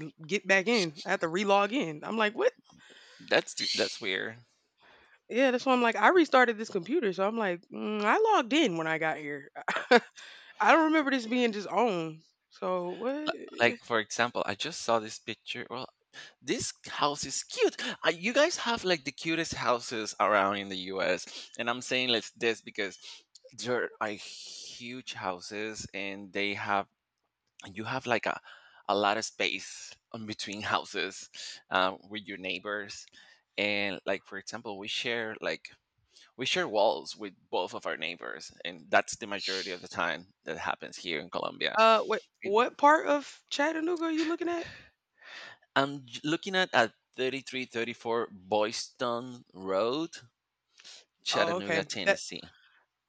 Get back in. I have to re-log in. I'm like, what? That's That's weird. Yeah, that's why I'm like, I restarted this computer. So I'm like, I logged in when I got here. I don't remember this being just on. So what? Like for example, I just saw this picture. Well, this house is cute. You guys have like the cutest houses around in the U.S. And I'm saying like this because there are huge houses and they have you have like a lot of space in between houses with your neighbors. And like for example, we share walls with both of our neighbors, and that's the majority of the time that happens here in Colombia. What part of Chattanooga are you looking at? I'm looking at 3334 Boyston Road, Oh, Chattanooga, okay. That Tennessee.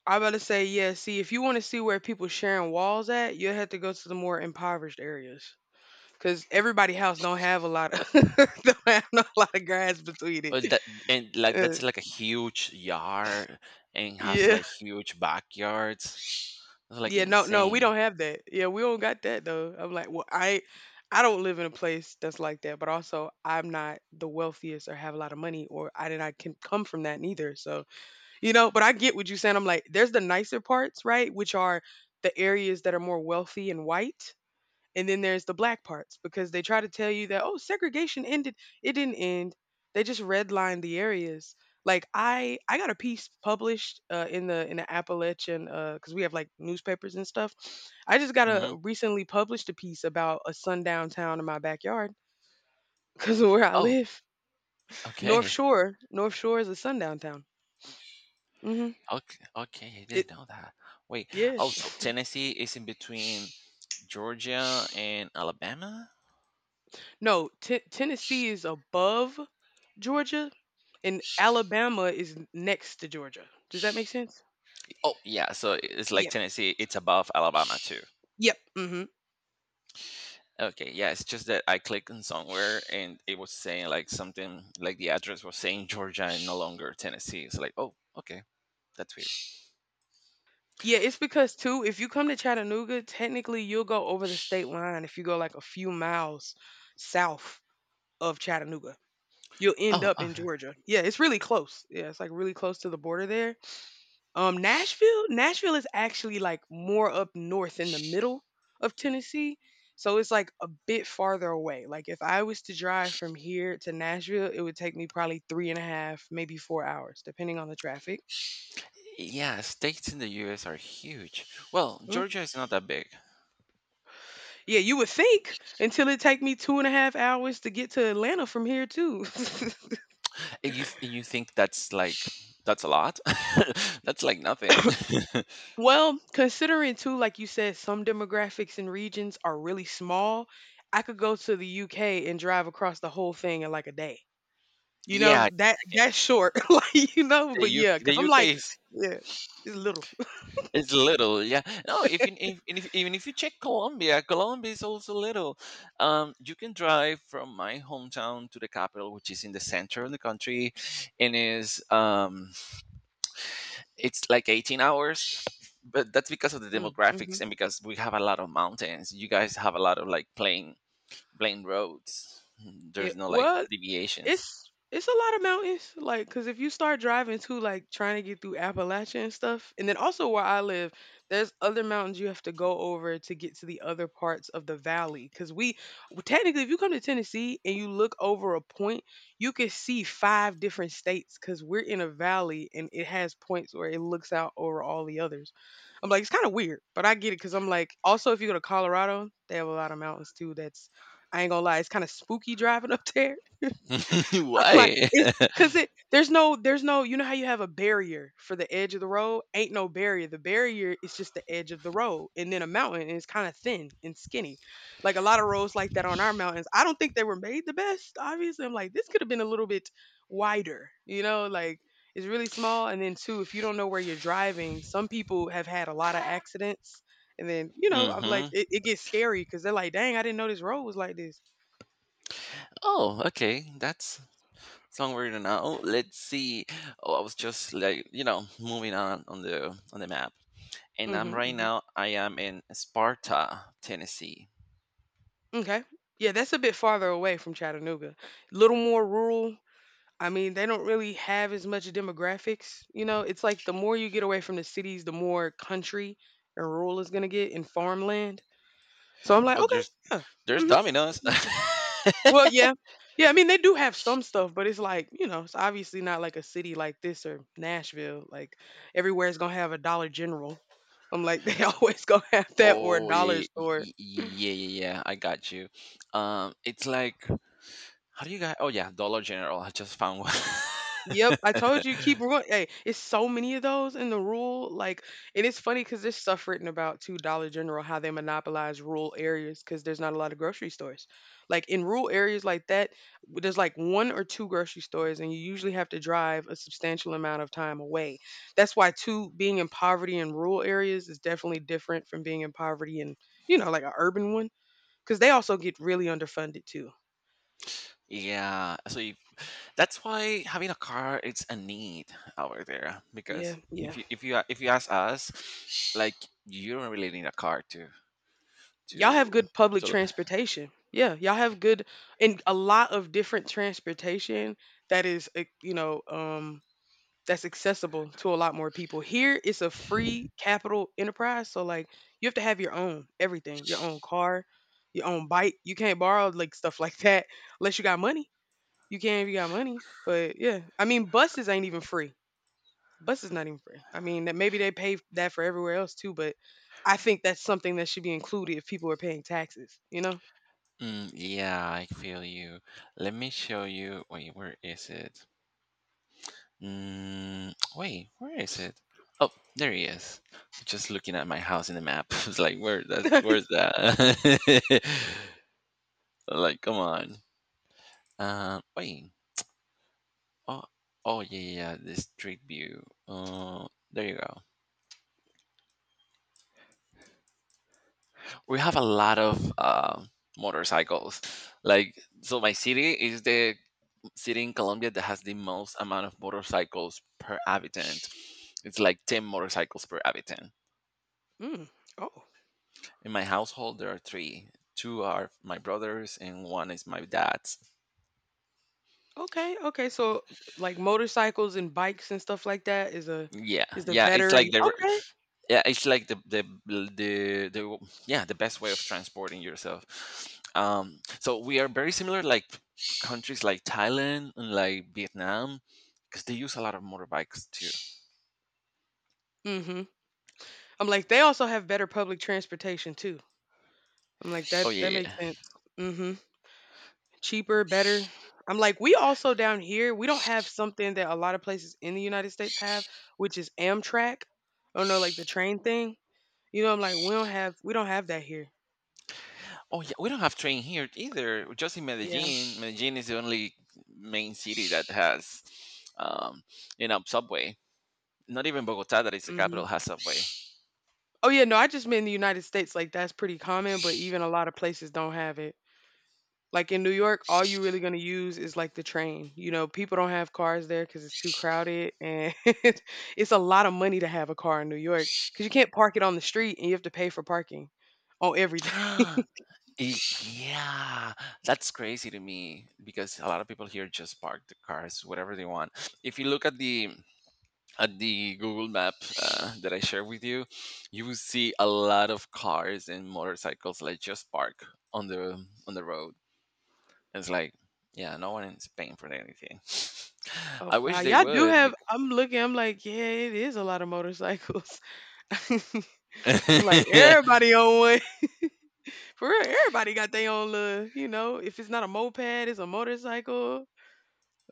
I about to say, yeah. See, if you want to see where people sharing walls at, you'll have to go to the more impoverished areas, cause everybody house don't have a lot of don't have a lot of grass between it. Well, that and like Uh, that's like a huge yard and has yeah. like huge backyards. It's like Yeah, no, no, we insane. don't have that. Yeah, we don't got that though. I'm like, I don't live in a place that's like that. But also, I'm not the wealthiest or have a lot of money, or I did not can come from that neither. So you know, but I get what you're saying. I'm like, there's the nicer parts, right? Which are the areas that are more wealthy and white, and then there's the black parts because they try to tell you that, oh, segregation ended. It didn't end. They just redlined the areas. Like I got a piece published in the Appalachian because we have like newspapers and stuff. I just got Hmm. a recently published a piece about a sundown town in my backyard because of where I Oh, live. Okay. North Shore is a sundown town. Hmm. Okay, okay, I It, didn't know that. Wait, yeah, oh, so Tennessee is in between Georgia and Alabama? no, Tennessee is above Georgia, and Alabama is next to Georgia. Does that make sense? Oh, yeah, so it's like Yep. Tennessee, it's above Alabama too. Yep. Hmm. Okay, yeah, it's just that I clicked on somewhere and it was saying like something like the address was saying Georgia and no longer Tennessee. It's like, oh, okay, that's weird. Yeah, it's because too, if you come to Chattanooga, technically you'll go over the state line if you go like a few miles south of Chattanooga. You'll end Oh, up in okay. Georgia. Yeah, it's really close. Yeah, it's like really close to the border there. Nashville is actually like more up north in the middle of Tennessee. So it's like a bit farther away. Like if I was to drive from here to Nashville, it would take me probably three and a half, maybe 4 hours, depending on the traffic. Yeah, states in the U.S. are huge. Well, Mm. Georgia is not that big. Yeah, you would think until it take me two and a half hours to get to Atlanta from here too. And you you think that's a lot? That's like nothing. Well, considering too, like you said, some demographics and regions are really small, I could go to the UK and drive across the whole thing in like a day. You Yeah, know, that's short, like, you know, the but yeah, the because 'cause I'm UK like, is yeah, it's little. it's little, yeah. No, if you if even if you check Colombia is also little. You can drive from my hometown to the capital, which is in the center of the country, and is it's like 18 hours. But that's because of the Mm, demographics mhm, and because we have a lot of mountains. You guys have a lot of like plain roads. yeah, There's no like well deviations. it's a lot of mountains like because if you start driving too like trying to get through Appalachia and stuff and then also where I live there's other mountains you have to go over to get to the other parts of the valley because we well, technically if you come to Tennessee and you look over a point you can see 5 different states because we're in a valley and it has points where it looks out over all the others. I'm like, it's kind of weird but I get it because I'm like also if you go to Colorado they have a lot of mountains too. That's I ain't gonna lie, it's kind of spooky driving up there. Like Why? it's because it there's no, you know how you have a barrier for the edge of the road? Ain't no barrier. The barrier is just the edge of the road. And then a mountain and it's kind of thin and skinny. Like a lot of roads like that on our mountains. I don't think they were made the best, obviously. I'm like, this could have been a little bit wider, you know, like it's really small. And then two, if you don't know where you're driving, some people have had a lot of accidents. And then, you know, I'm like, Hmm. it gets scary because they're like, dang, I didn't know this road was like this. Oh, okay. That's somewhere now. Let's see. Oh, I was just like moving on the map, and I'm Hmm. right now. I am in Sparta, Tennessee. Okay. Yeah, that's a bit farther away from Chattanooga. Little more rural. I mean, they don't really have as much demographics. You know, it's like the more you get away from the cities, the more country and rural is gonna get in farmland. So I'm like, Well, okay, there's yeah. there's Hmm. Domino's. Well, yeah. Yeah, I mean they do have some stuff, but it's like, you know, it's obviously not like a city like this or Nashville. Like everywhere's gonna have a Dollar General. I'm like, they always gonna have that or a Oh yeah, dollar store. Yeah, yeah, yeah. I got you. It's like how do you guys? Oh yeah, Dollar General. I just found one. Yep, I told you keep going. Hey, it's so many of those in the rural. Like, and it's funny because there's stuff written about two Dollar General how they monopolize rural areas because there's not a lot of grocery stores. Like in rural areas like that, there's like 1 or 2 grocery stores, and you usually have to drive a substantial amount of time away. That's why two being in poverty in rural areas is definitely different from being in poverty in you know like an urban one because they also get really underfunded too. Yeah, so if, that's why having a car it's a need over there because Yeah, yeah. If you ask us, like you don't really need a car to Y'all have to good public to transportation. Yeah, y'all have good and a lot of different transportation that is, you know, that's accessible to a lot more people. Here, it's a free capital enterprise, so like you have to have your own everything, your own car, your own bike. You can't borrow like stuff like that unless you got money. You can if you got money, but yeah, I mean, buses ain't even free. Bus is not even free. I mean, that maybe they pay that for everywhere else too, but I think that's something that should be included if people are paying taxes, you know? Mm, yeah, I feel you. Let me show you. Wait, where is it? Mm, wait, where is it? Oh, there he is. Just looking at my house in the map. It's like, where that? Where's that? Like, come on. Wait. Oh, oh yeah, yeah. Yeah, the street view. There you go. We have a lot of motorcycles. Like, so my city is the city in Colombia that has the most amount of motorcycles per inhabitant. It's like 10 motorcycles per inhabitant. Mm. Oh. In my household, there are three. Two are my brothers, and one is my dad's. Okay. Okay. So like motorcycles and bikes and stuff like that is a Yeah, is the yeah, it's better like and they were. okay. Yeah, it's like the yeah, the best way of transporting yourself. So we are very similar, like countries like Thailand and like Vietnam, because they use a lot of motorbikes too. Mhm. I'm like they also have better public transportation too. I'm like Oh that yeah, that yeah, yeah. makes sense. Mhm. Cheaper, better. I'm like we also down here, we don't have something that a lot of places in the United States have, which is Amtrak. Oh no, like the train thing. You know, I'm like, we don't have that here. Oh yeah, we don't have train here either. Just in Yeah. Medellin. Medellin is the only main city that has, um, you know, subway. Not even Bogota, that is the Mhm. capital, has subway. Oh yeah, no, I just meant in the United States, like that's pretty common, but even a lot of places don't have it. Like in New York, all you really gonna use is like the train. You know, people don't have cars there because it's too crowded, and it's a lot of money to have a car in New York because you can't park it on the street and you have to pay for parking on every day. Y- yeah, that's crazy to me because a lot of people here just park the cars whatever they want. If you look at the Google Map that I share with you, you will see a lot of cars and motorcycles like just park on the on the road. It's like, yeah, no one is paying for anything. Oh I wow, wish they y'all do would. have. Because I'm looking. I'm like, yeah, it is a lot of motorcycles. I'm like, everybody on one. For real, everybody got their own little, you know, if it's not a moped, it's a motorcycle.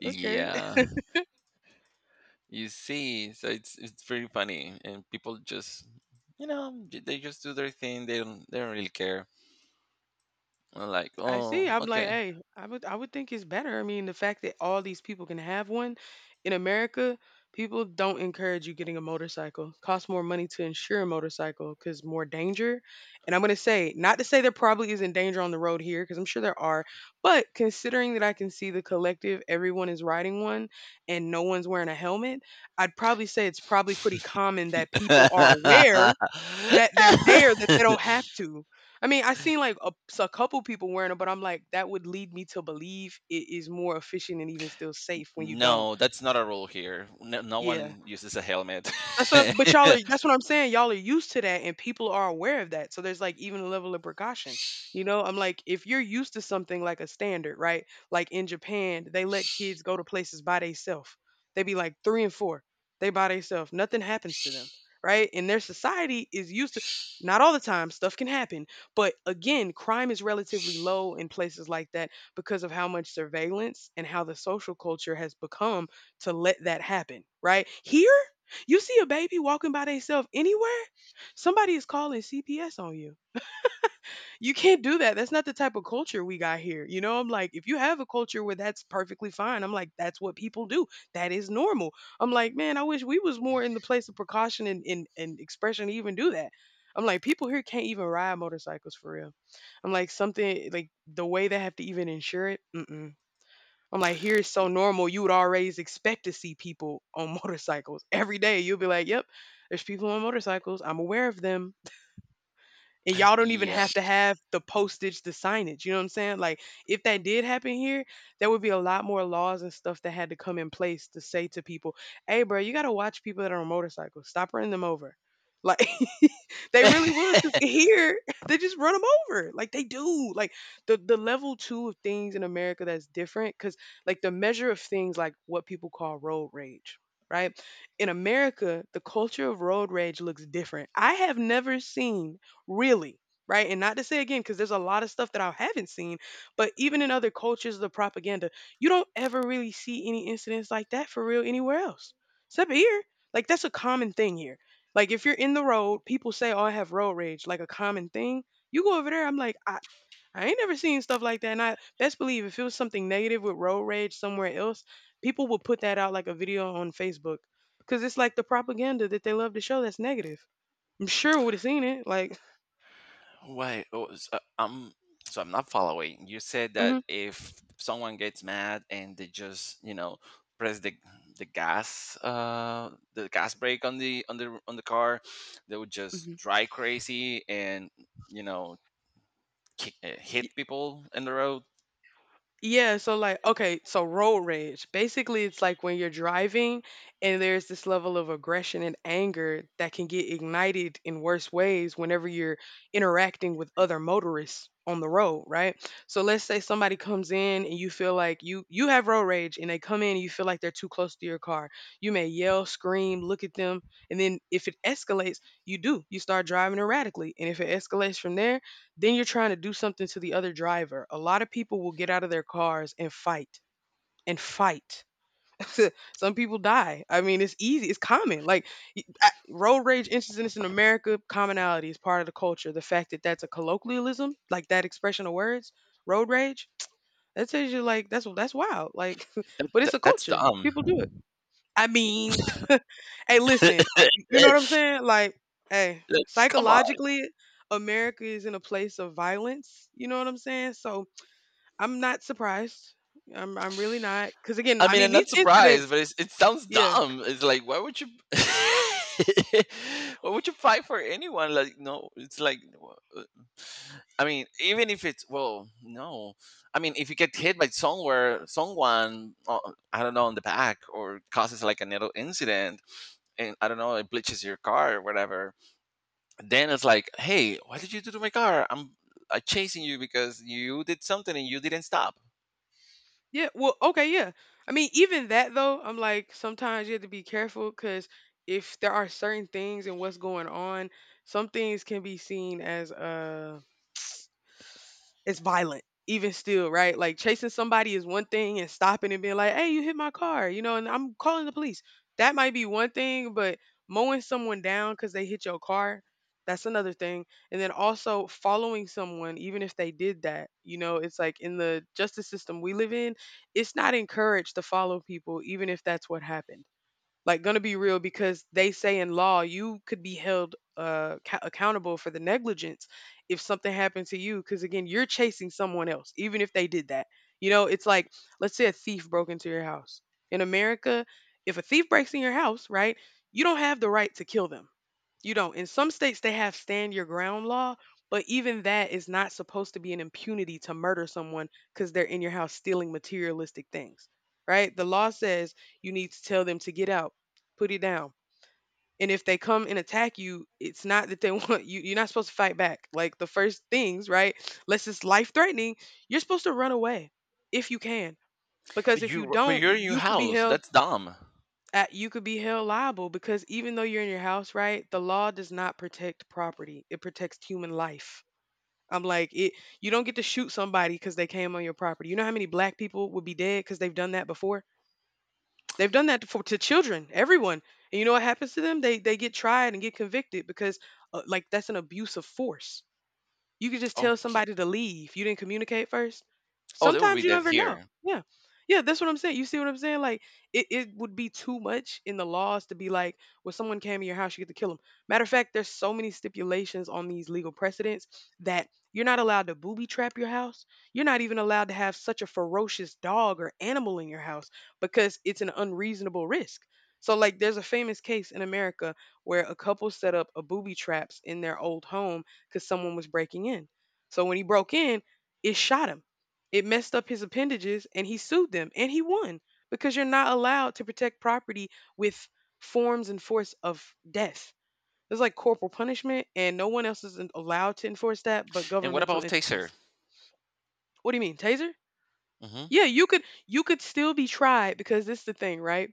Okay. yeah, you see, so it's pretty funny, and people just, they just do their thing. They don't really care. I'm like, I see. oh, I'm like, okay. hey, I would think it's better. I mean, the fact that all these people can have one in America, people don't encourage you getting a motorcycle. Costs more money to insure a motorcycle because more danger. And I'm gonna say, not to say there probably isn't danger on the road here, because I'm sure there are, but considering that I can see the collective, everyone is riding one and no one's wearing a helmet, I'd probably say it's probably pretty common that people are aware that they're there that they don't have to. I mean, I seen like a couple people wearing them, but I'm like, that would lead me to believe it is more efficient and even still safe when you don't. No, that's not a rule here. No, no Yeah. one uses a helmet. That's what but y'all are that's what I'm saying, y'all are used to that and people are aware of that. So there's like even a level of precaution. You know, I'm like if you're used to something like a standard, right? Like in Japan, they let kids go to places by themselves. They be like 3 and 4. They by themselves. Nothing happens to them, right? And their society is used to not all the time stuff can happen, but again, crime is relatively low in places like that because of how much surveillance and how the social culture has become to let that happen, right? Here you see a baby walking by themselves anywhere, somebody is calling CPS on you. You can't do that. That's not the type of culture we got here. You know, I'm like, if you have a culture where that's perfectly fine, I'm like, that's what people do. That is normal. I'm like, man, I wish we was more in the place of precaution and expression to even do that. I'm like, people here can't even ride motorcycles for real. I'm like, something like the way they have to even insure it. Mm-mm. I'm like, here is so normal. You would always expect to see people on motorcycles every day. You'll be like, yep, there's people on motorcycles. I'm aware of them, and y'all don't even Yeah. have to have the postage, the signage. You know what I'm saying? Like, if that did happen here, there would be a lot more laws and stuff that had to come in place to say to people, "Hey, bro, you gotta watch people that are on motorcycles. Stop running them over." Like, they really would, because here they just run them over. Like they do. Like the level two of things in America that's different, because like the measure of things like what people call road rage. Right. In America, the culture of road rage looks different. I have never seen, really. Right, and not to say, again, because there's a lot of stuff that I haven't seen. But even in other cultures, the propaganda, you don't ever really see any incidents like that for real anywhere else, except here. Like, that's a common thing here. Like, if you're in the road, people say, oh, I have road rage, like a common thing. You go over there, I'm like, I ain't never seen stuff like that. And I best believe if it was something negative with road rage somewhere else, people would put that out like a video on Facebook. Cause it's like the propaganda that they love to show that's negative. I'm sure would have seen it. Like, Wait, oh, so I'm not following. You said that mhm. if someone gets mad and they just, press the gas brake on the car, they would just Mhm. drive crazy and you know kick, hit Y- people in the road. Yeah, so like, okay, so road rage. Basically, it's like when you're driving and there's this level of aggression and anger that can get ignited in worse ways whenever you're interacting with other motorists on the road, right? So let's say somebody comes in and you feel like you have road rage, and they come in and you feel like they're too close to your car. You may yell, scream, look at them, and then if it escalates, you do. You start driving erratically. And if it escalates from there, then you're trying to do something to the other driver. A lot of people will get out of their cars and fight and fight. Some people die. I mean, it's easy. It's common. Like, road rage incidents in America, commonality is part of the culture. The fact that that's a colloquialism, like that expression of words, road rage, that tells you like that's wild. Like, That, but that, it's a that's culture. dumb. People do it. I mean. Hey, listen, hey, you know what I'm saying? Like, hey, Come psychologically, America is in a place of violence. You know what I'm saying? So I'm not surprised. I'm really not. Cause again, I I mean, mean I'm these not surprised, incidents, but it sounds yeah. dumb. It's like, why would you, why would you fight for anyone? Like, no, it's like, I mean, even if it's well, no, I mean, if you get hit by somewhere, someone, I don't know, on the back or causes like a little incident, and I don't know, it bleaches your car or whatever, then it's like, hey, what did you do to my car? I'm chasing you because you did something and you didn't stop. Yeah. Well, okay, yeah. I mean, even that though, I'm like, sometimes you have to be careful because if there are certain things and what's going on, some things can be seen as it's violent even still, right? Like, chasing somebody is one thing, and stopping and being like, hey, you hit my car, you know, and I'm calling the police, that might be one thing. But mowing someone down because they hit your car, that's another thing. And then also following someone, even if they did that, you know, it's like in the justice system we live in, it's not encouraged to follow people even if that's what happened. Like, gonna be real, because they say in law you could be held accountable for the negligence if something happened to you, because again, you're chasing someone else even if they did that. You know, it's like, let's say a thief broke into your house. In America, if a thief breaks in your house, right? You don't have the right to kill them. You don't. In some states they have stand your ground law, but even that is not supposed to be an impunity to murder someone because they're in your house stealing materialistic things, right? The law says you need to tell them to get out, put it down. And if they come and attack you, it's not that they want you. You're not supposed to fight back. Like the first things, right? Unless it's life threatening, you're supposed to run away if you can. Because But if you you, but don't, you're in your house. That's dumb. You could be held liable because even though you're in your house, right? The law does not protect property. It protects human life. I'm like, it you don't get to shoot somebody because they came on your property. You know how many black people would be dead because they've done that before? They've done that for to children, everyone. And you know what happens to them? They get tried and get convicted because like that's an abuse of force. You could just tell Okay. somebody to leave. You didn't communicate first. Oh, that would be Sometimes you don't that ever know. here. Yeah. Yeah, that's what I'm saying. You see what I'm saying? Like it would be too much in the laws to be like, well, someone came in your house, you get to kill them. Matter of fact, there's so many stipulations on these legal precedents that you're not allowed to booby trap your house. You're not even allowed to have such a ferocious dog or animal in your house because it's an unreasonable risk. So like there's a famous case in America where a couple set up a booby traps in their old home because someone was breaking in. So when he broke in, it shot him. It messed up his appendages, and he sued them and he won because you're not allowed to protect property with forms and force of death. It's like corporal punishment, and no one else is allowed to enforce that but And what governmental about Taser? entities. What do you mean, taser? Hmm. Yeah, you could still be tried because this is the thing, right?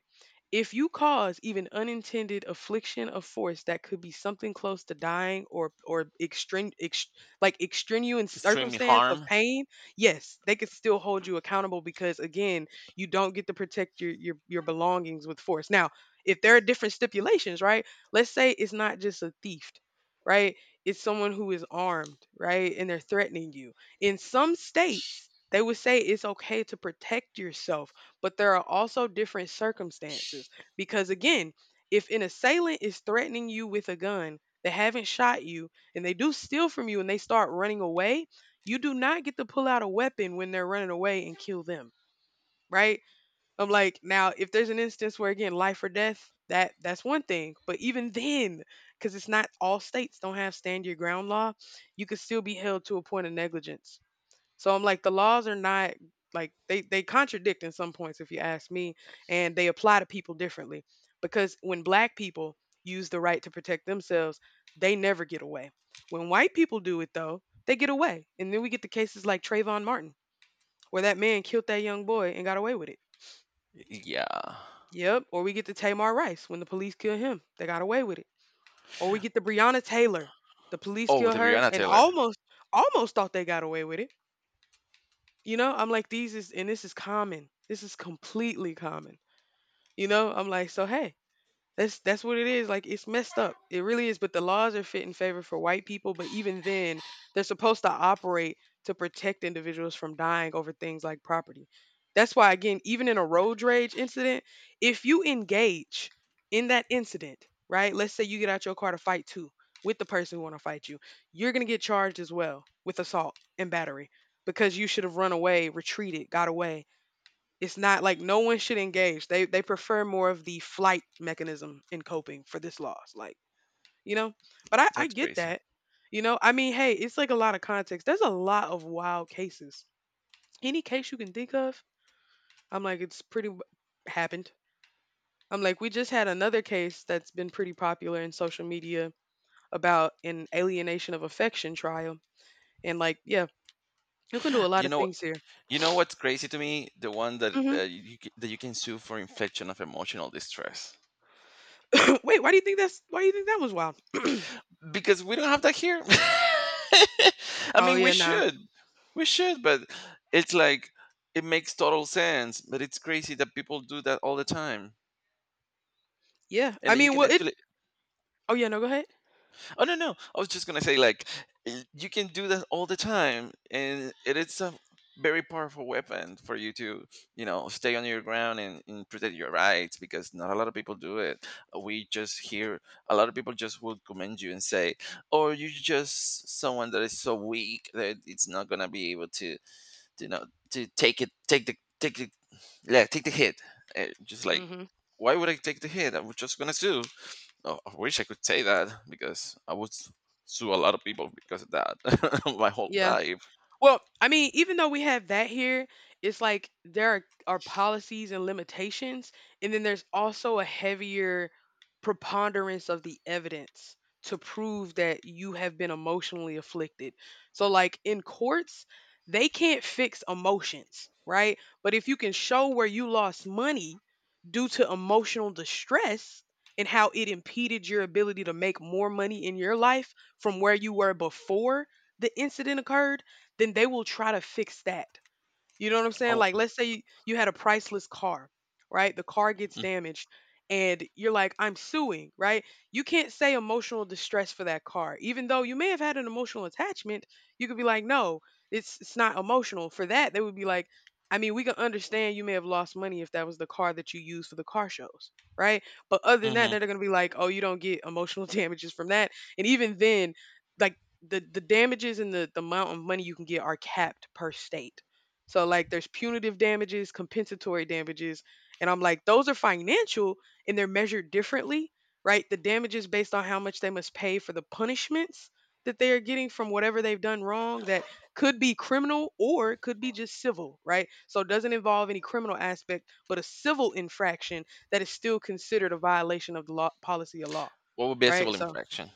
If you cause even unintended affliction of force that could be something close to dying or extreme ex like extenuous Extremely circumstance of harm. pain, yes, they could still hold you accountable because again, you don't get to protect your your belongings with force. Now, if there are different stipulations, right? Let's say it's not just a thief, right? It's someone who is armed, right? And they're threatening you. In some states, they would say it's okay to protect yourself, but there are also different circumstances. Because again, if an assailant is threatening you with a gun, they haven't shot you, and they do steal from you and they start running away, you do not get to pull out a weapon when they're running away and kill them, right? I'm like, now if there's an instance where again life or death, that's one thing, but even then, because it's not all states don't have stand your ground law, you could still be held to a point of negligence. So I'm like, the laws are not like they contradict in some points, if you ask me, and they apply to people differently. Because when black people use the right to protect themselves, they never get away. When white people do it though, they get away. And then we get the cases like Trayvon Martin, where that man killed that young boy and got away with it. Yeah. Yep. Or we get the Tamar Rice, when the police kill him, they got away with it. Or we get the Breonna Taylor. The police Oh, kill the her Brianna and Taylor. Almost thought they got away with it. You know, I'm like, these is, and this is common. This is completely common. You know, I'm like, so hey, that's what it is. Like, it's messed up. It really is. But the laws are fit in favor for white people. But even then, they're supposed to operate to protect individuals from dying over things like property. That's why, again, even in a road rage incident, if you engage in that incident, right? Let's say you get out your car to fight too with the person who want to fight you, you're gonna get charged as well with assault and battery because you should have run away, retreated, got away. It's not like no one should engage. They prefer more of the flight mechanism in coping for this loss. Like, you know? But I That's get crazy. that. You know, I mean, hey, it's like a lot of context. There's a lot of wild cases. Any case you can think of, I'm like, it's pretty happened. I'm like, we just had another case that's been pretty popular in social media about an alienation of affection trial. And like, yeah, you can do a lot You of know, things here. you know what's crazy to me? The one that Hmm. That you can sue for infliction of emotional distress Wait, why do you think that's why do you think that was wild? because we don't have that here. I Oh mean, we yeah, nah. should, we should, but it's like it makes total sense. But it's crazy that people do that all the time, Yeah. and I that you mean, can well it... actually Oh yeah, no, go ahead. Oh no, no. I was just gonna say like you can do that all the time, and it is a very powerful weapon for you to stay on your ground and protect your rights because not a lot of people do it. We just hear a lot of people just will commend you and say, "Oh, you're just someone that is so weak that it's not gonna be able to know to take it take the yeah, take the hit." Just like Hmm. why would I take the hit? I'm just gonna sue. Oh, I wish I could say that because I would sue a lot of people because of that my whole Yeah. life. Well, I mean, even though we have that here, it's like there are policies and limitations, and then there's also a heavier preponderance of the evidence to prove that you have been emotionally afflicted. So, like in courts, they can't fix emotions, right? But if you can show where you lost money due to emotional distress and how it impeded your ability to make more money in your life from where you were before the incident occurred, then they will try to fix that. You know what I'm saying? Oh, Like, let's say you had a priceless car, right? The car gets damaged and you're like, I'm suing, right? You can't say emotional distress for that car. Even though you may have had an emotional attachment, you could be like, no, it's not emotional. For that, they would be like, I mean, we can understand you may have lost money if that was the car that you used for the car shows, right? But other than that, mm-hmm. they're gonna be like, oh, you don't get emotional damages from that. And even then, like, the damages and the amount of money you can get are capped per state, so like there's punitive damages, compensatory damages, and I'm like those are financial and they're measured differently, right? The damages based on how much they must pay for the punishments that they are getting from whatever they've done wrong, that could be criminal or it could be just civil, right? So it doesn't involve any criminal aspect, but a civil infraction that is still considered a violation of the law, policy of law, What would be a right? civil So, infraction?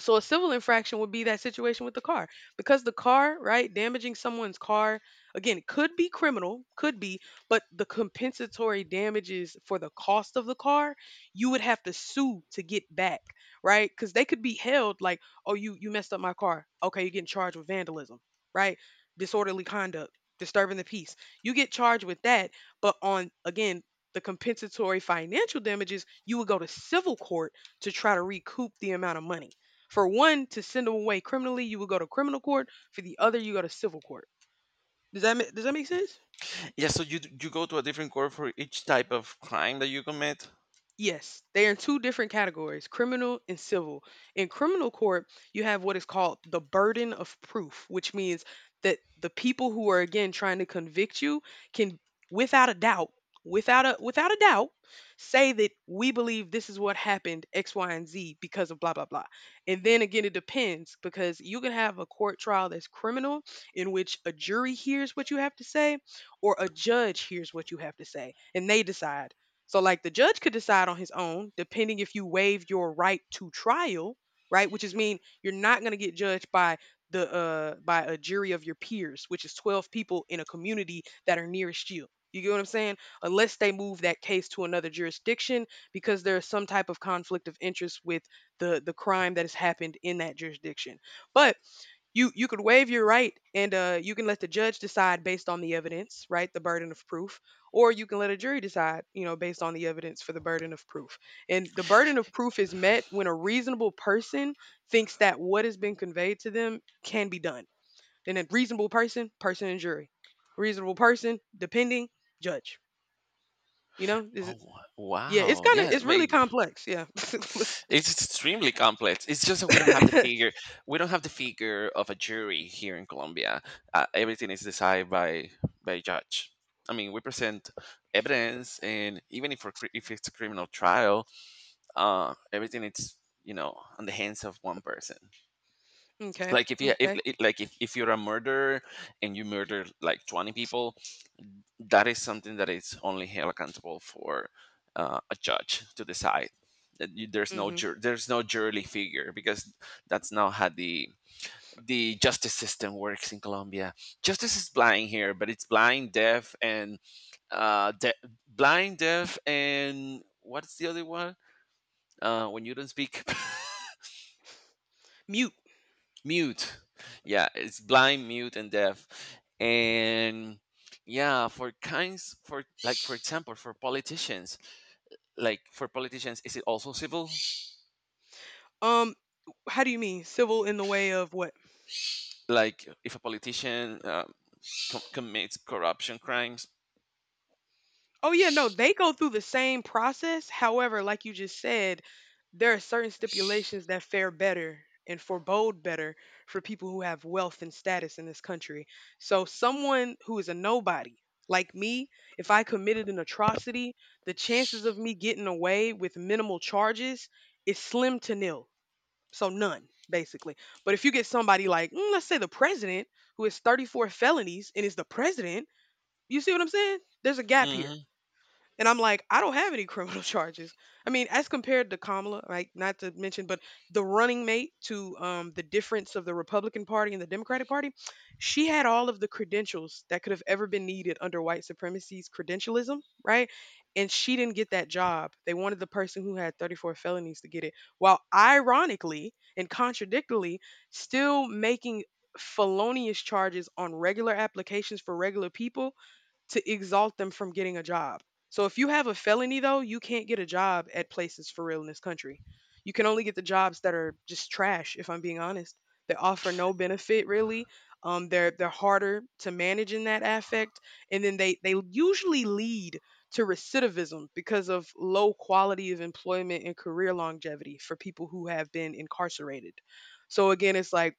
so a civil infraction would be that situation with the car, because the car, right, damaging someone's car again could be criminal, could be, but the compensatory damages for the cost of the car, you would have to sue to get back, right? Cuz they could be held like, "Oh, you messed up my car. Okay, you're getting charged with vandalism, right? Disorderly conduct, disturbing the peace. You get charged with that, but on again, the compensatory financial damages, you would go to civil court to try to recoup the amount of money. For one, to send them away criminally, you would go to criminal court. For the other, you go to civil court. Does that does that make sense? Yeah, so you you go to a different court for each type of crime that you commit. Yes, they are in two different categories, criminal and civil. In criminal court, you have what is called the burden of proof, which means that the people who are again trying to convict you can, without a doubt, without a doubt, say that we believe this is what happened, X, Y, and Z because of blah blah blah. And then again it depends, because you can have a court trial that's criminal in which a jury hears what you have to say or a judge hears what you have to say and they decide. So, like, the judge could decide on his own, depending if you waived your right to trial, right? Which is mean you're not going to get judged by the by a jury of your peers, which is 12 people in a community that are nearest you. You get what I'm saying? Unless they move that case to another jurisdiction because there is some type of conflict of interest with the crime that has happened in that jurisdiction. But you could waive your right and you can let the judge decide based on the evidence, right, the burden of proof, or you can let a jury decide, you know, based on the evidence for the burden of proof. And the burden of proof is met when a reasonable person thinks that what has been conveyed to them can be done. And a reasonable person, person and jury. Reasonable person, depending, judge. You know, is it, Oh yeah, it's wow! kind of Yeah, it's I really mean, complex. Yeah. it's extremely complex. It's just that we don't have the figure. We don't have the figure of a jury here in Colombia. Everything is decided by a judge. I mean, we present evidence, and even if it's a criminal trial, everything it's on the hands of one person, Okay. like if you if Okay. it- like if, if you're a murderer and you murder like 20 people. That is something that is only held accountable for a judge to decide that you, there's no Mhm. Jury figure because that's not how the justice system works in Colombia. Justice is blind here, but it's blind, deaf, uh, de- and what's the other one? When you don't speak Mute. mute. Yeah, it's blind, mute, and deaf. And yeah, for example, for politicians, like for politicians, is it also civil, Um how do you mean civil in the way of what? like if a politician commits corruption crimes? Oh yeah, no, they go through the same process. However, like you just said, there are certain stipulations that fare better and forebode better for people who have wealth and status in this country. So someone who is a nobody like me, if I committed an atrocity, the chances of me getting away with minimal charges is slim to nil. So none, basically. But if you get somebody like, mm, let's say the president, who has 34 felonies and is the president, you see what I'm saying? There's a gap here. Hmm. And I'm like, I don't have any criminal charges. I mean, as compared to Kamala, like not to mention, but the running mate to the difference of the Republican Party and the Democratic Party, she had all of the credentials that could have ever been needed under white supremacy's credentialism, right? And she didn't get that job. They wanted the person who had 34 felonies to get it, while ironically and contradictorily, still making felonious charges on regular applications for regular people to exalt them from getting a job. So if you have a felony though, you can't get a job at places for real in this country. You can only get the jobs that are just trash, if I'm being honest. They offer no benefit really. They're harder to manage in that affect, and then they usually lead to recidivism because of low quality of employment and career longevity for people who have been incarcerated. So again, it's like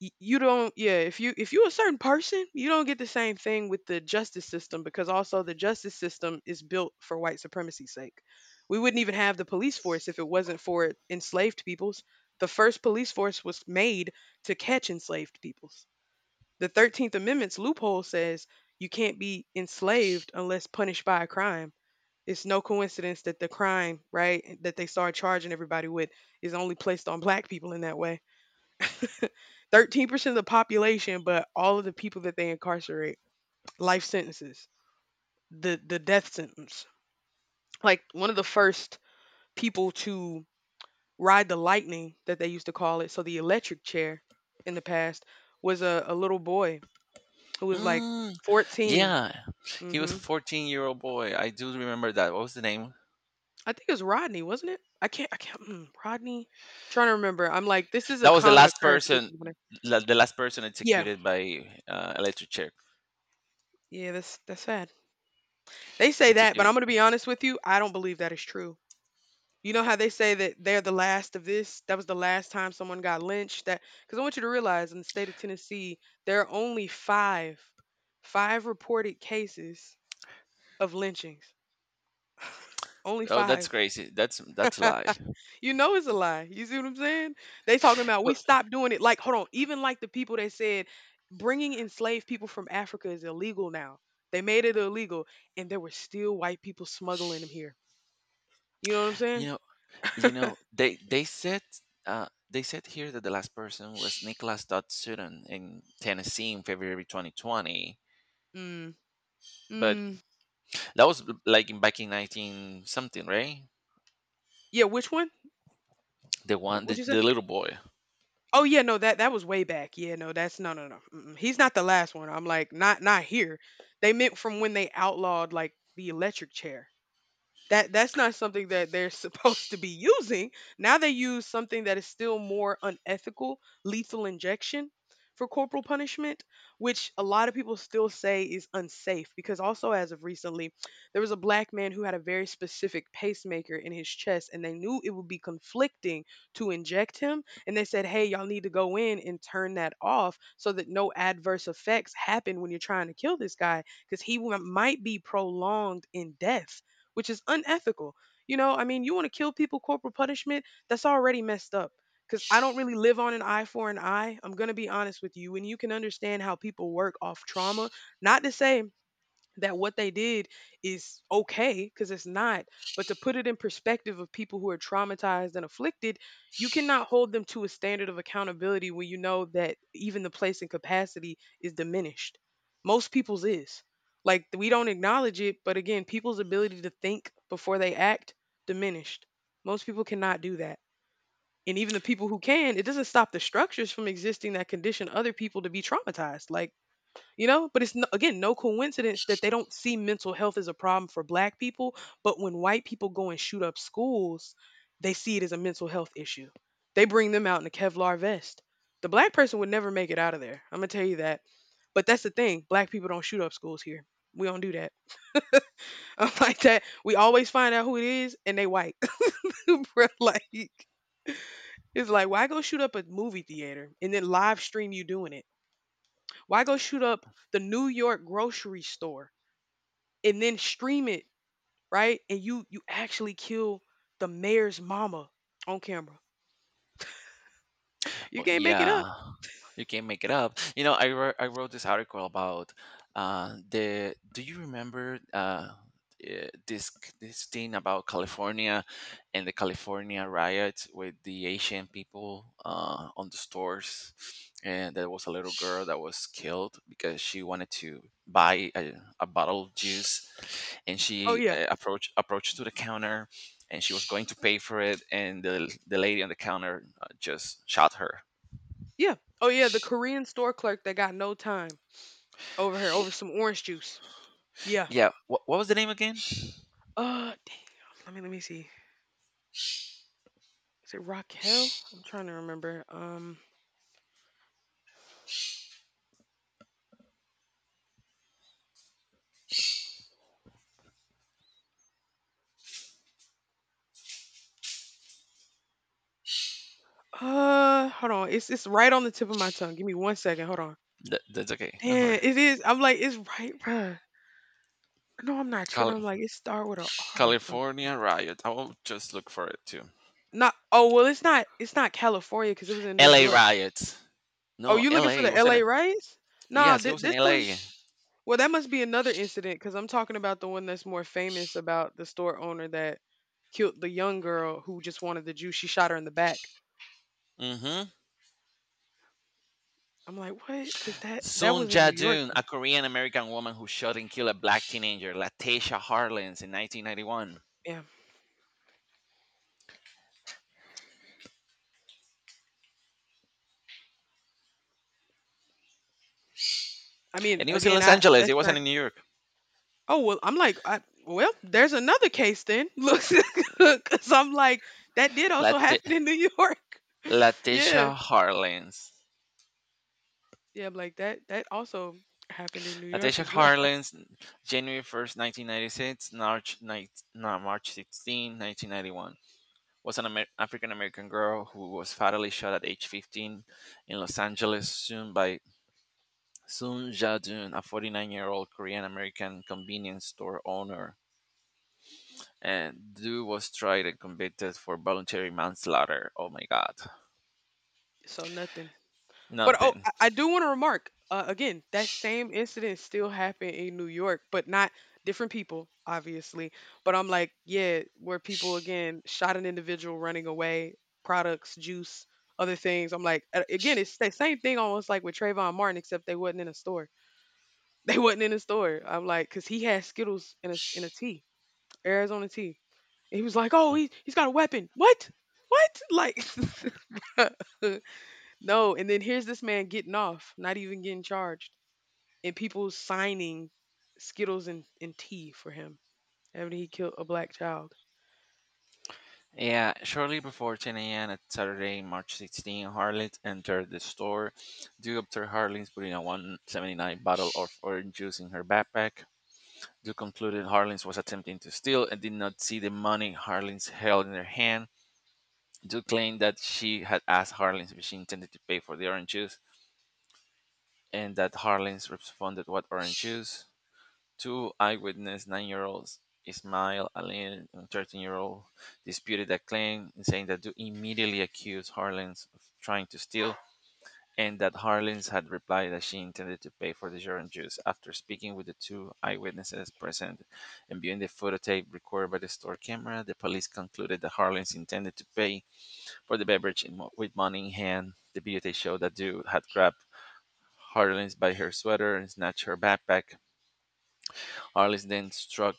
you don't, yeah, if you, if you a certain person, you don't get the same thing with the justice system, because also the justice system is built for white supremacy's sake. We wouldn't even have the police force if it wasn't for enslaved peoples. The first police force was made to catch enslaved peoples. The 13th amendment's loophole says you can't be enslaved unless punished by a crime. It's no coincidence that the crime, right, that they start charging everybody with is only placed on black people in that way. 13% of the population, but all of the people that they incarcerate, life sentences, the death sentence. Like, one of the first people to ride the lightning that they used to call it, so the electric chair in the past, was a little boy who was like Mm, 14. yeah, he was a Hmm. 14-year-old boy. I do remember that. What was the name? I think it was Rodney, wasn't it? I can't, Mm, Rodney. Trying to remember. I'm like, this is That a was the common last occurrence too. person 'Cause when I- la- the last person yeah, executed by electric chair. yeah, that's sad. They say that, but Executed. I'm gonna be honest with you. I don't believe that is true. You know how they say that they're the last of this? That was the last time someone got lynched. That because I want you to realize in the state of Tennessee, there are only five, five reported cases of lynchings. Only Oh, that's five. crazy. That's a lie. You know it's a lie. You see what I'm saying? They talking about we But stopped doing it. Like, hold on. Even like the people that said bringing enslaved people from Africa is illegal now. They made it illegal, and there were still white people smuggling them here. You know what I'm you saying? know. You know, they said here that the last person was Nicholas Dodd Sutton in Tennessee in February 2020, Mm. but Mm. that was like back in 19 something, right? Yeah. Which one? The one, What'd the, you say? the little boy. Oh yeah, no, that that was way back. Yeah, no, that's no, no, no. Mm-mm. He's not the last one. I'm like, not not here. They meant from when they outlawed like the electric chair. That's not something that they're supposed to be using. Now they use something that is still more unethical, lethal injection for corporal punishment, which a lot of people still say is unsafe, because also as of recently, there was a black man who had a very specific pacemaker in his chest and they knew it would be conflicting to inject him and they said, "Hey, y'all need to go in and turn that off so that no adverse effects happen when you're trying to kill this guy, because he might be prolonged in death, which is unethical. You know, I mean, you want to kill people, corporal punishment, that's already messed up. Because I don't really live on an eye for an eye. I'm going to be honest with you. And you can understand how people work off trauma. Not to say that what they did is okay, because it's not. But to put it in perspective of people who are traumatized and afflicted, you cannot hold them to a standard of accountability when you know that even the place and capacity is diminished. Most people's is. Like we don't acknowledge it, but again, people's ability to think before they act diminished. Most people cannot do that. And even the people who can, it doesn't stop the structures from existing that condition other people to be traumatized. Like but it's no, again no coincidence that they don't see mental health as a problem for black people, but when white people go and shoot up schools they see it as a mental health issue. They bring them out in a kevlar vest. The black person would never make it out of there, I'm gonna tell you that. But that's the thing, black people don't shoot up schools here, we don't do that. I'm like that, we always find out who it is and they white. Bruh, like it's like, why go shoot up a movie theater and then live stream you doing it? Why go shoot up the New York grocery store and then stream it, right? And you actually kill the mayor's mama on camera. You Well, can't make it up. yeah, you can not make it up. You know, I wrote this article about the. Do you remember eh, this this thing about California and the California riots with the Asian people on the stores, and there was a little girl that was killed because she wanted to buy a bottle of juice, and Oh she yeah. Approached to the counter. And she was going to pay for it, and the lady on the counter just shot her. Yeah. Oh yeah, the Korean store clerk that got no time over her over some orange juice. Yeah. Yeah. What was the name again? Dang, let me see. Is it Raquel? I'm trying to remember. Hold on. It's right on the tip of my tongue. Give me 1 second. Hold on. That's okay. Don't worry. Damn, it is. I'm like, it's right, bruh. No, I'm not tripping. I'm Cali- like, it start with a R or something. California riot. I will just look for it too. Not oh well it's not California because it was in New L.A. York. riots. Oh, No, you looking for L.A. the wasn't LA it? riots? Nah, Yes, it was in this one. L.A. Well, that must be another incident because I'm talking about the one that's more famous about the store owner that killed the young girl who just wanted the juice. She shot her in the back. Mm-hmm. I'm like, what? Because that Soon was in New York. Jae-joon, Though. a Korean-American woman who shot and killed a black teenager, Latasha Harlins, in 1991. Yeah. I mean, And it was in again, Los I Angeles. It that's wasn't not. in New York. Oh well, I'm like, I, well, there's another case then. Look, because I'm like, that did also Late- happen in New York. Yeah. Latasha Harlins. Yeah. I'm like that. That also happened in New York Latasha as well. Harlins, January 1st, 1996, March, 9, no, March 16, 1991, was an African American girl who was fatally shot at age 15 in Los Angeles soon by Soon Ja Doon, a 49-year-old Korean American convenience store owner. And Du was tried and convicted for voluntary manslaughter. Oh my God. So nothing. But oh, Nothing. I do want to remark, again, that same incident still happened in New York, but not different people, obviously. But I'm like, yeah, where people again shot an individual running away, products, juice, other things. I'm like, again, it's the same thing almost like with Trayvon Martin, except they wasn't in a store. They wasn't in a store. I'm like, cause he had Skittles in in a tea, Arizona tea. And he was like, oh, Mm. He's got a weapon. What? What? Like, No, and then here's this man getting off, not even getting charged, and people signing Skittles and tea for him after he killed a black child. Yeah, shortly before 10 a.m. at Saturday, March 16, Harlot entered the store. Due observed Harlot putting a 179 bottle of orange juice in her backpack. They concluded Harlins was attempting to steal and did not see the money Harlins held in her hand. Duke claimed that she had asked Harlins if she intended to pay for the orange juice and that Harlins responded what orange juice. Two eyewitness nine-year-olds, Ismail Ali and 13-year-old, disputed that claim, saying that Duke immediately accused Harlins of trying to steal and that Harlins had replied that she intended to pay for the Jordan juice. After speaking with the two eyewitnesses present and viewing the phototape recorded by the store camera, the police concluded that Harlins intended to pay for the beverage with money in hand. The videotape showed that dude had grabbed Harlins by her sweater and snatched her backpack. Harlins then struck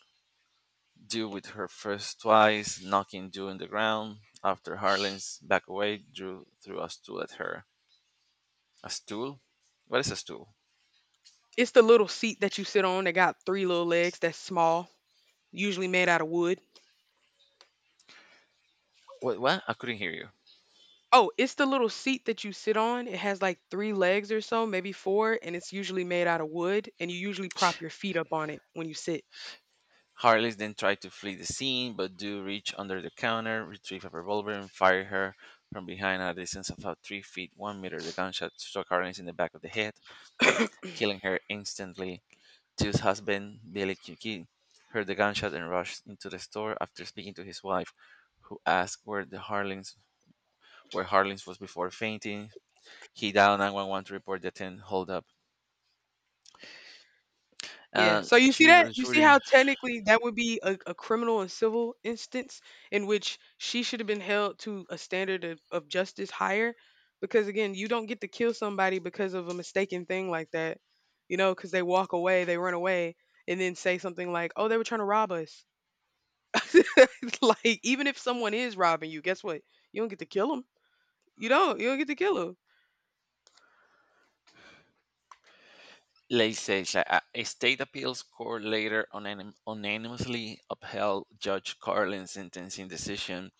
Dew with her first twice, knocking Dew on the ground. After Harlins back away, Drew threw a stool at her. A stool? What is a stool? It's the little seat that you sit on that got three little legs that's small, usually made out of wood. What? I couldn't hear you. Oh, it's the little seat that you sit on. It has like three legs or so, maybe four, and it's usually made out of wood, and you usually prop your feet up on it when you sit. Harley then tried to flee the scene, but do reach under the counter, retrieve a revolver, and fire her from behind at a distance of about 3 feet 1 meter. The gunshot struck Harley in the back of the head, killing her instantly. Tu's husband, Billy Kiki, heard the gunshot and rushed into the store after speaking to his wife, who asked where Harlings was before fainting. He dialed 911 to report the 10 holdup. Yeah. So you see that? You see Shooting. how technically that would be a criminal and civil instance in which she should have been held to a standard of justice higher? Because again, you don't get to kill somebody because of a mistaken thing like that, you know, because they walk away, they run away, and then say something like, oh, they were trying to rob us. Like, even if someone is robbing you, guess what? You don't get to kill them. You don't. You don't get to kill them. Let's say it's a state appeals court later unanimously upheld Judge Carlin's sentencing decision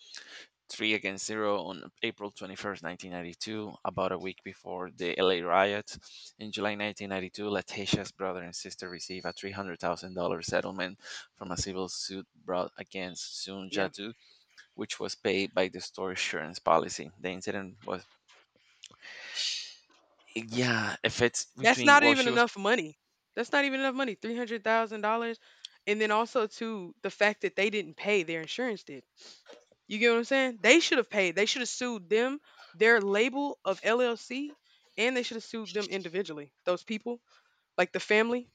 3-0 on April 21st, 1992, about a week before the LA riots. In July 1992, Letitia's brother and sister received a $300,000 settlement from a civil suit brought against Sun Jatu, which was paid by the store insurance policy. The incident was, yeah, if it's That's between, not well, even she was. enough money. That's not even enough money. $300,000. And then also to the fact that they didn't pay, their insurance did. You get what I'm saying? They should have paid. They should have sued them, their label of LLC, and they should have sued them individually. Those people, like the family,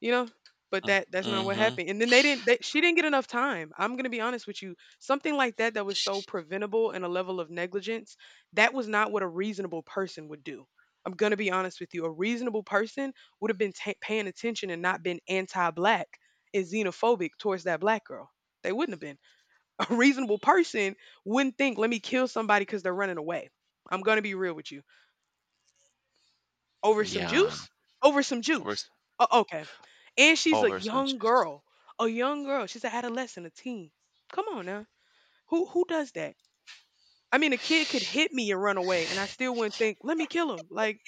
you know but that's not what Mm-hmm. happened. And then they didn't they, she didn't get enough time. I'm going to be honest with you, something like that that was so preventable, and a level of negligence that was not what a reasonable person would do. I'm going to be honest with you, a reasonable person would have been ta paying attention and not been anti-black and xenophobic towards that black girl. They wouldn't have been. A reasonable person wouldn't think, let me kill somebody because they're running away. I'm going to be real with you, over some Yeah, juice? Over some juice. Oh, okay. And she's a over young Sanchez. girl. A young girl. She's an adolescent, a teen. Come on now. Who does that? I mean, a kid could hit me and run away, and I still wouldn't think, let me kill him. Like,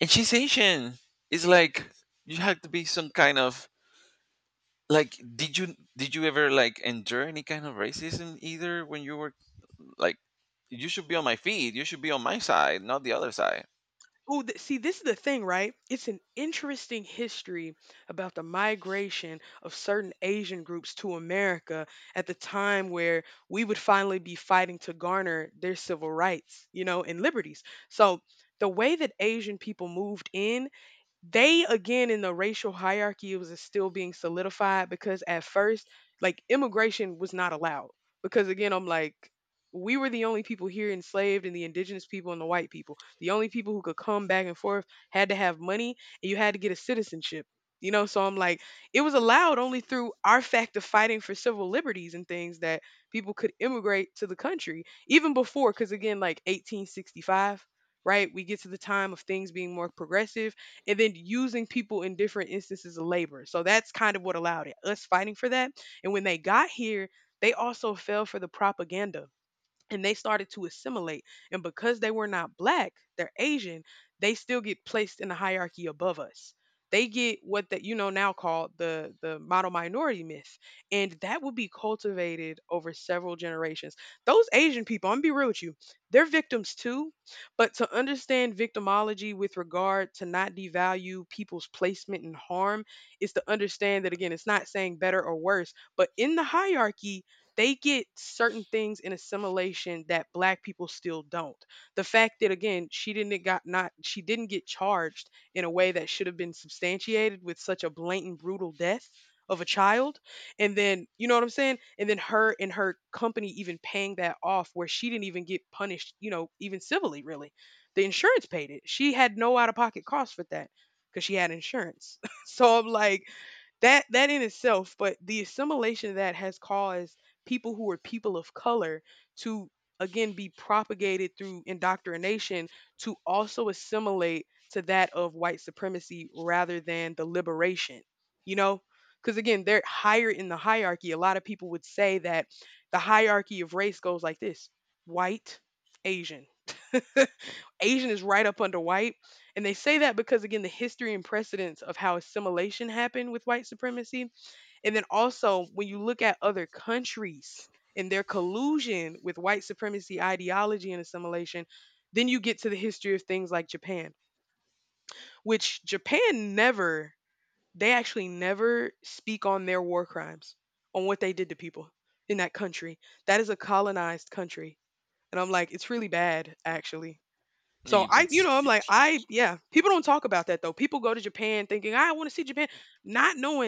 And she's Asian. It's like you have to be some kind of like did you ever like endure any kind of racism either when you were like you should be on my feet, you should be on my side, not the other side. oh, see, this is the thing, right? It's an interesting history about the migration of certain Asian groups to America at the time where we would finally be fighting to garner their civil rights, and liberties. So the way that Asian people moved in, they again in the racial hierarchy it was still being solidified because at first like immigration was not allowed, because again I'm like, we were the only people here enslaved and the indigenous people and the white people. The only people who could come back and forth had to have money, and you had to get a citizenship, so I'm like, it was allowed only through our fact of fighting for civil liberties and things that people could immigrate to the country even before. Because again, like 1865, right, we get to the time of things being more progressive and then using people in different instances of labor. So that's kind of what allowed it, us fighting for that. And when they got here, they also fell for the propaganda and they started to assimilate. And because they were not black, they're Asian, they still get placed in the hierarchy above us. They get what that, now called the model minority myth. And that will be cultivated over several generations. Those Asian people, I'm gonna be real with you, they're victims too. But to understand victimology with regard to not devalue people's placement in harm is to understand that, again, it's not saying better or worse, but in the hierarchy they get certain things in assimilation that black people still don't. The fact that, again, she didn't get charged in a way that should have been substantiated with such a blatant brutal death of a child. And then, you know what I'm saying, and then her and her company even paying that off where she didn't even get punished, even civilly really. The insurance paid it, she had no out of pocket cost for that because she had insurance. So I'm like, that in itself. But the assimilation that has caused people who are people of color to, again, be propagated through indoctrination to also assimilate to that of white supremacy rather than the liberation you know because, again, they're higher in the hierarchy, a lot of people would say that the hierarchy of race goes like this: white, Asian. Asian is right up under white. And they say that because, again, the history and precedence of how assimilation happened with white supremacy. And then also, when you look at other countries and their collusion with white supremacy ideology and assimilation, then you get to the history of things like Japan, which Japan never, they actually never speak on their war crimes, on what they did to people in that country. That is a colonized country. And I'm like, it's really bad, actually. So Y- I, you It's know, I'm it's like, I, huge. yeah, people don't talk about that though. People go to Japan thinking, I want to see Japan, not knowing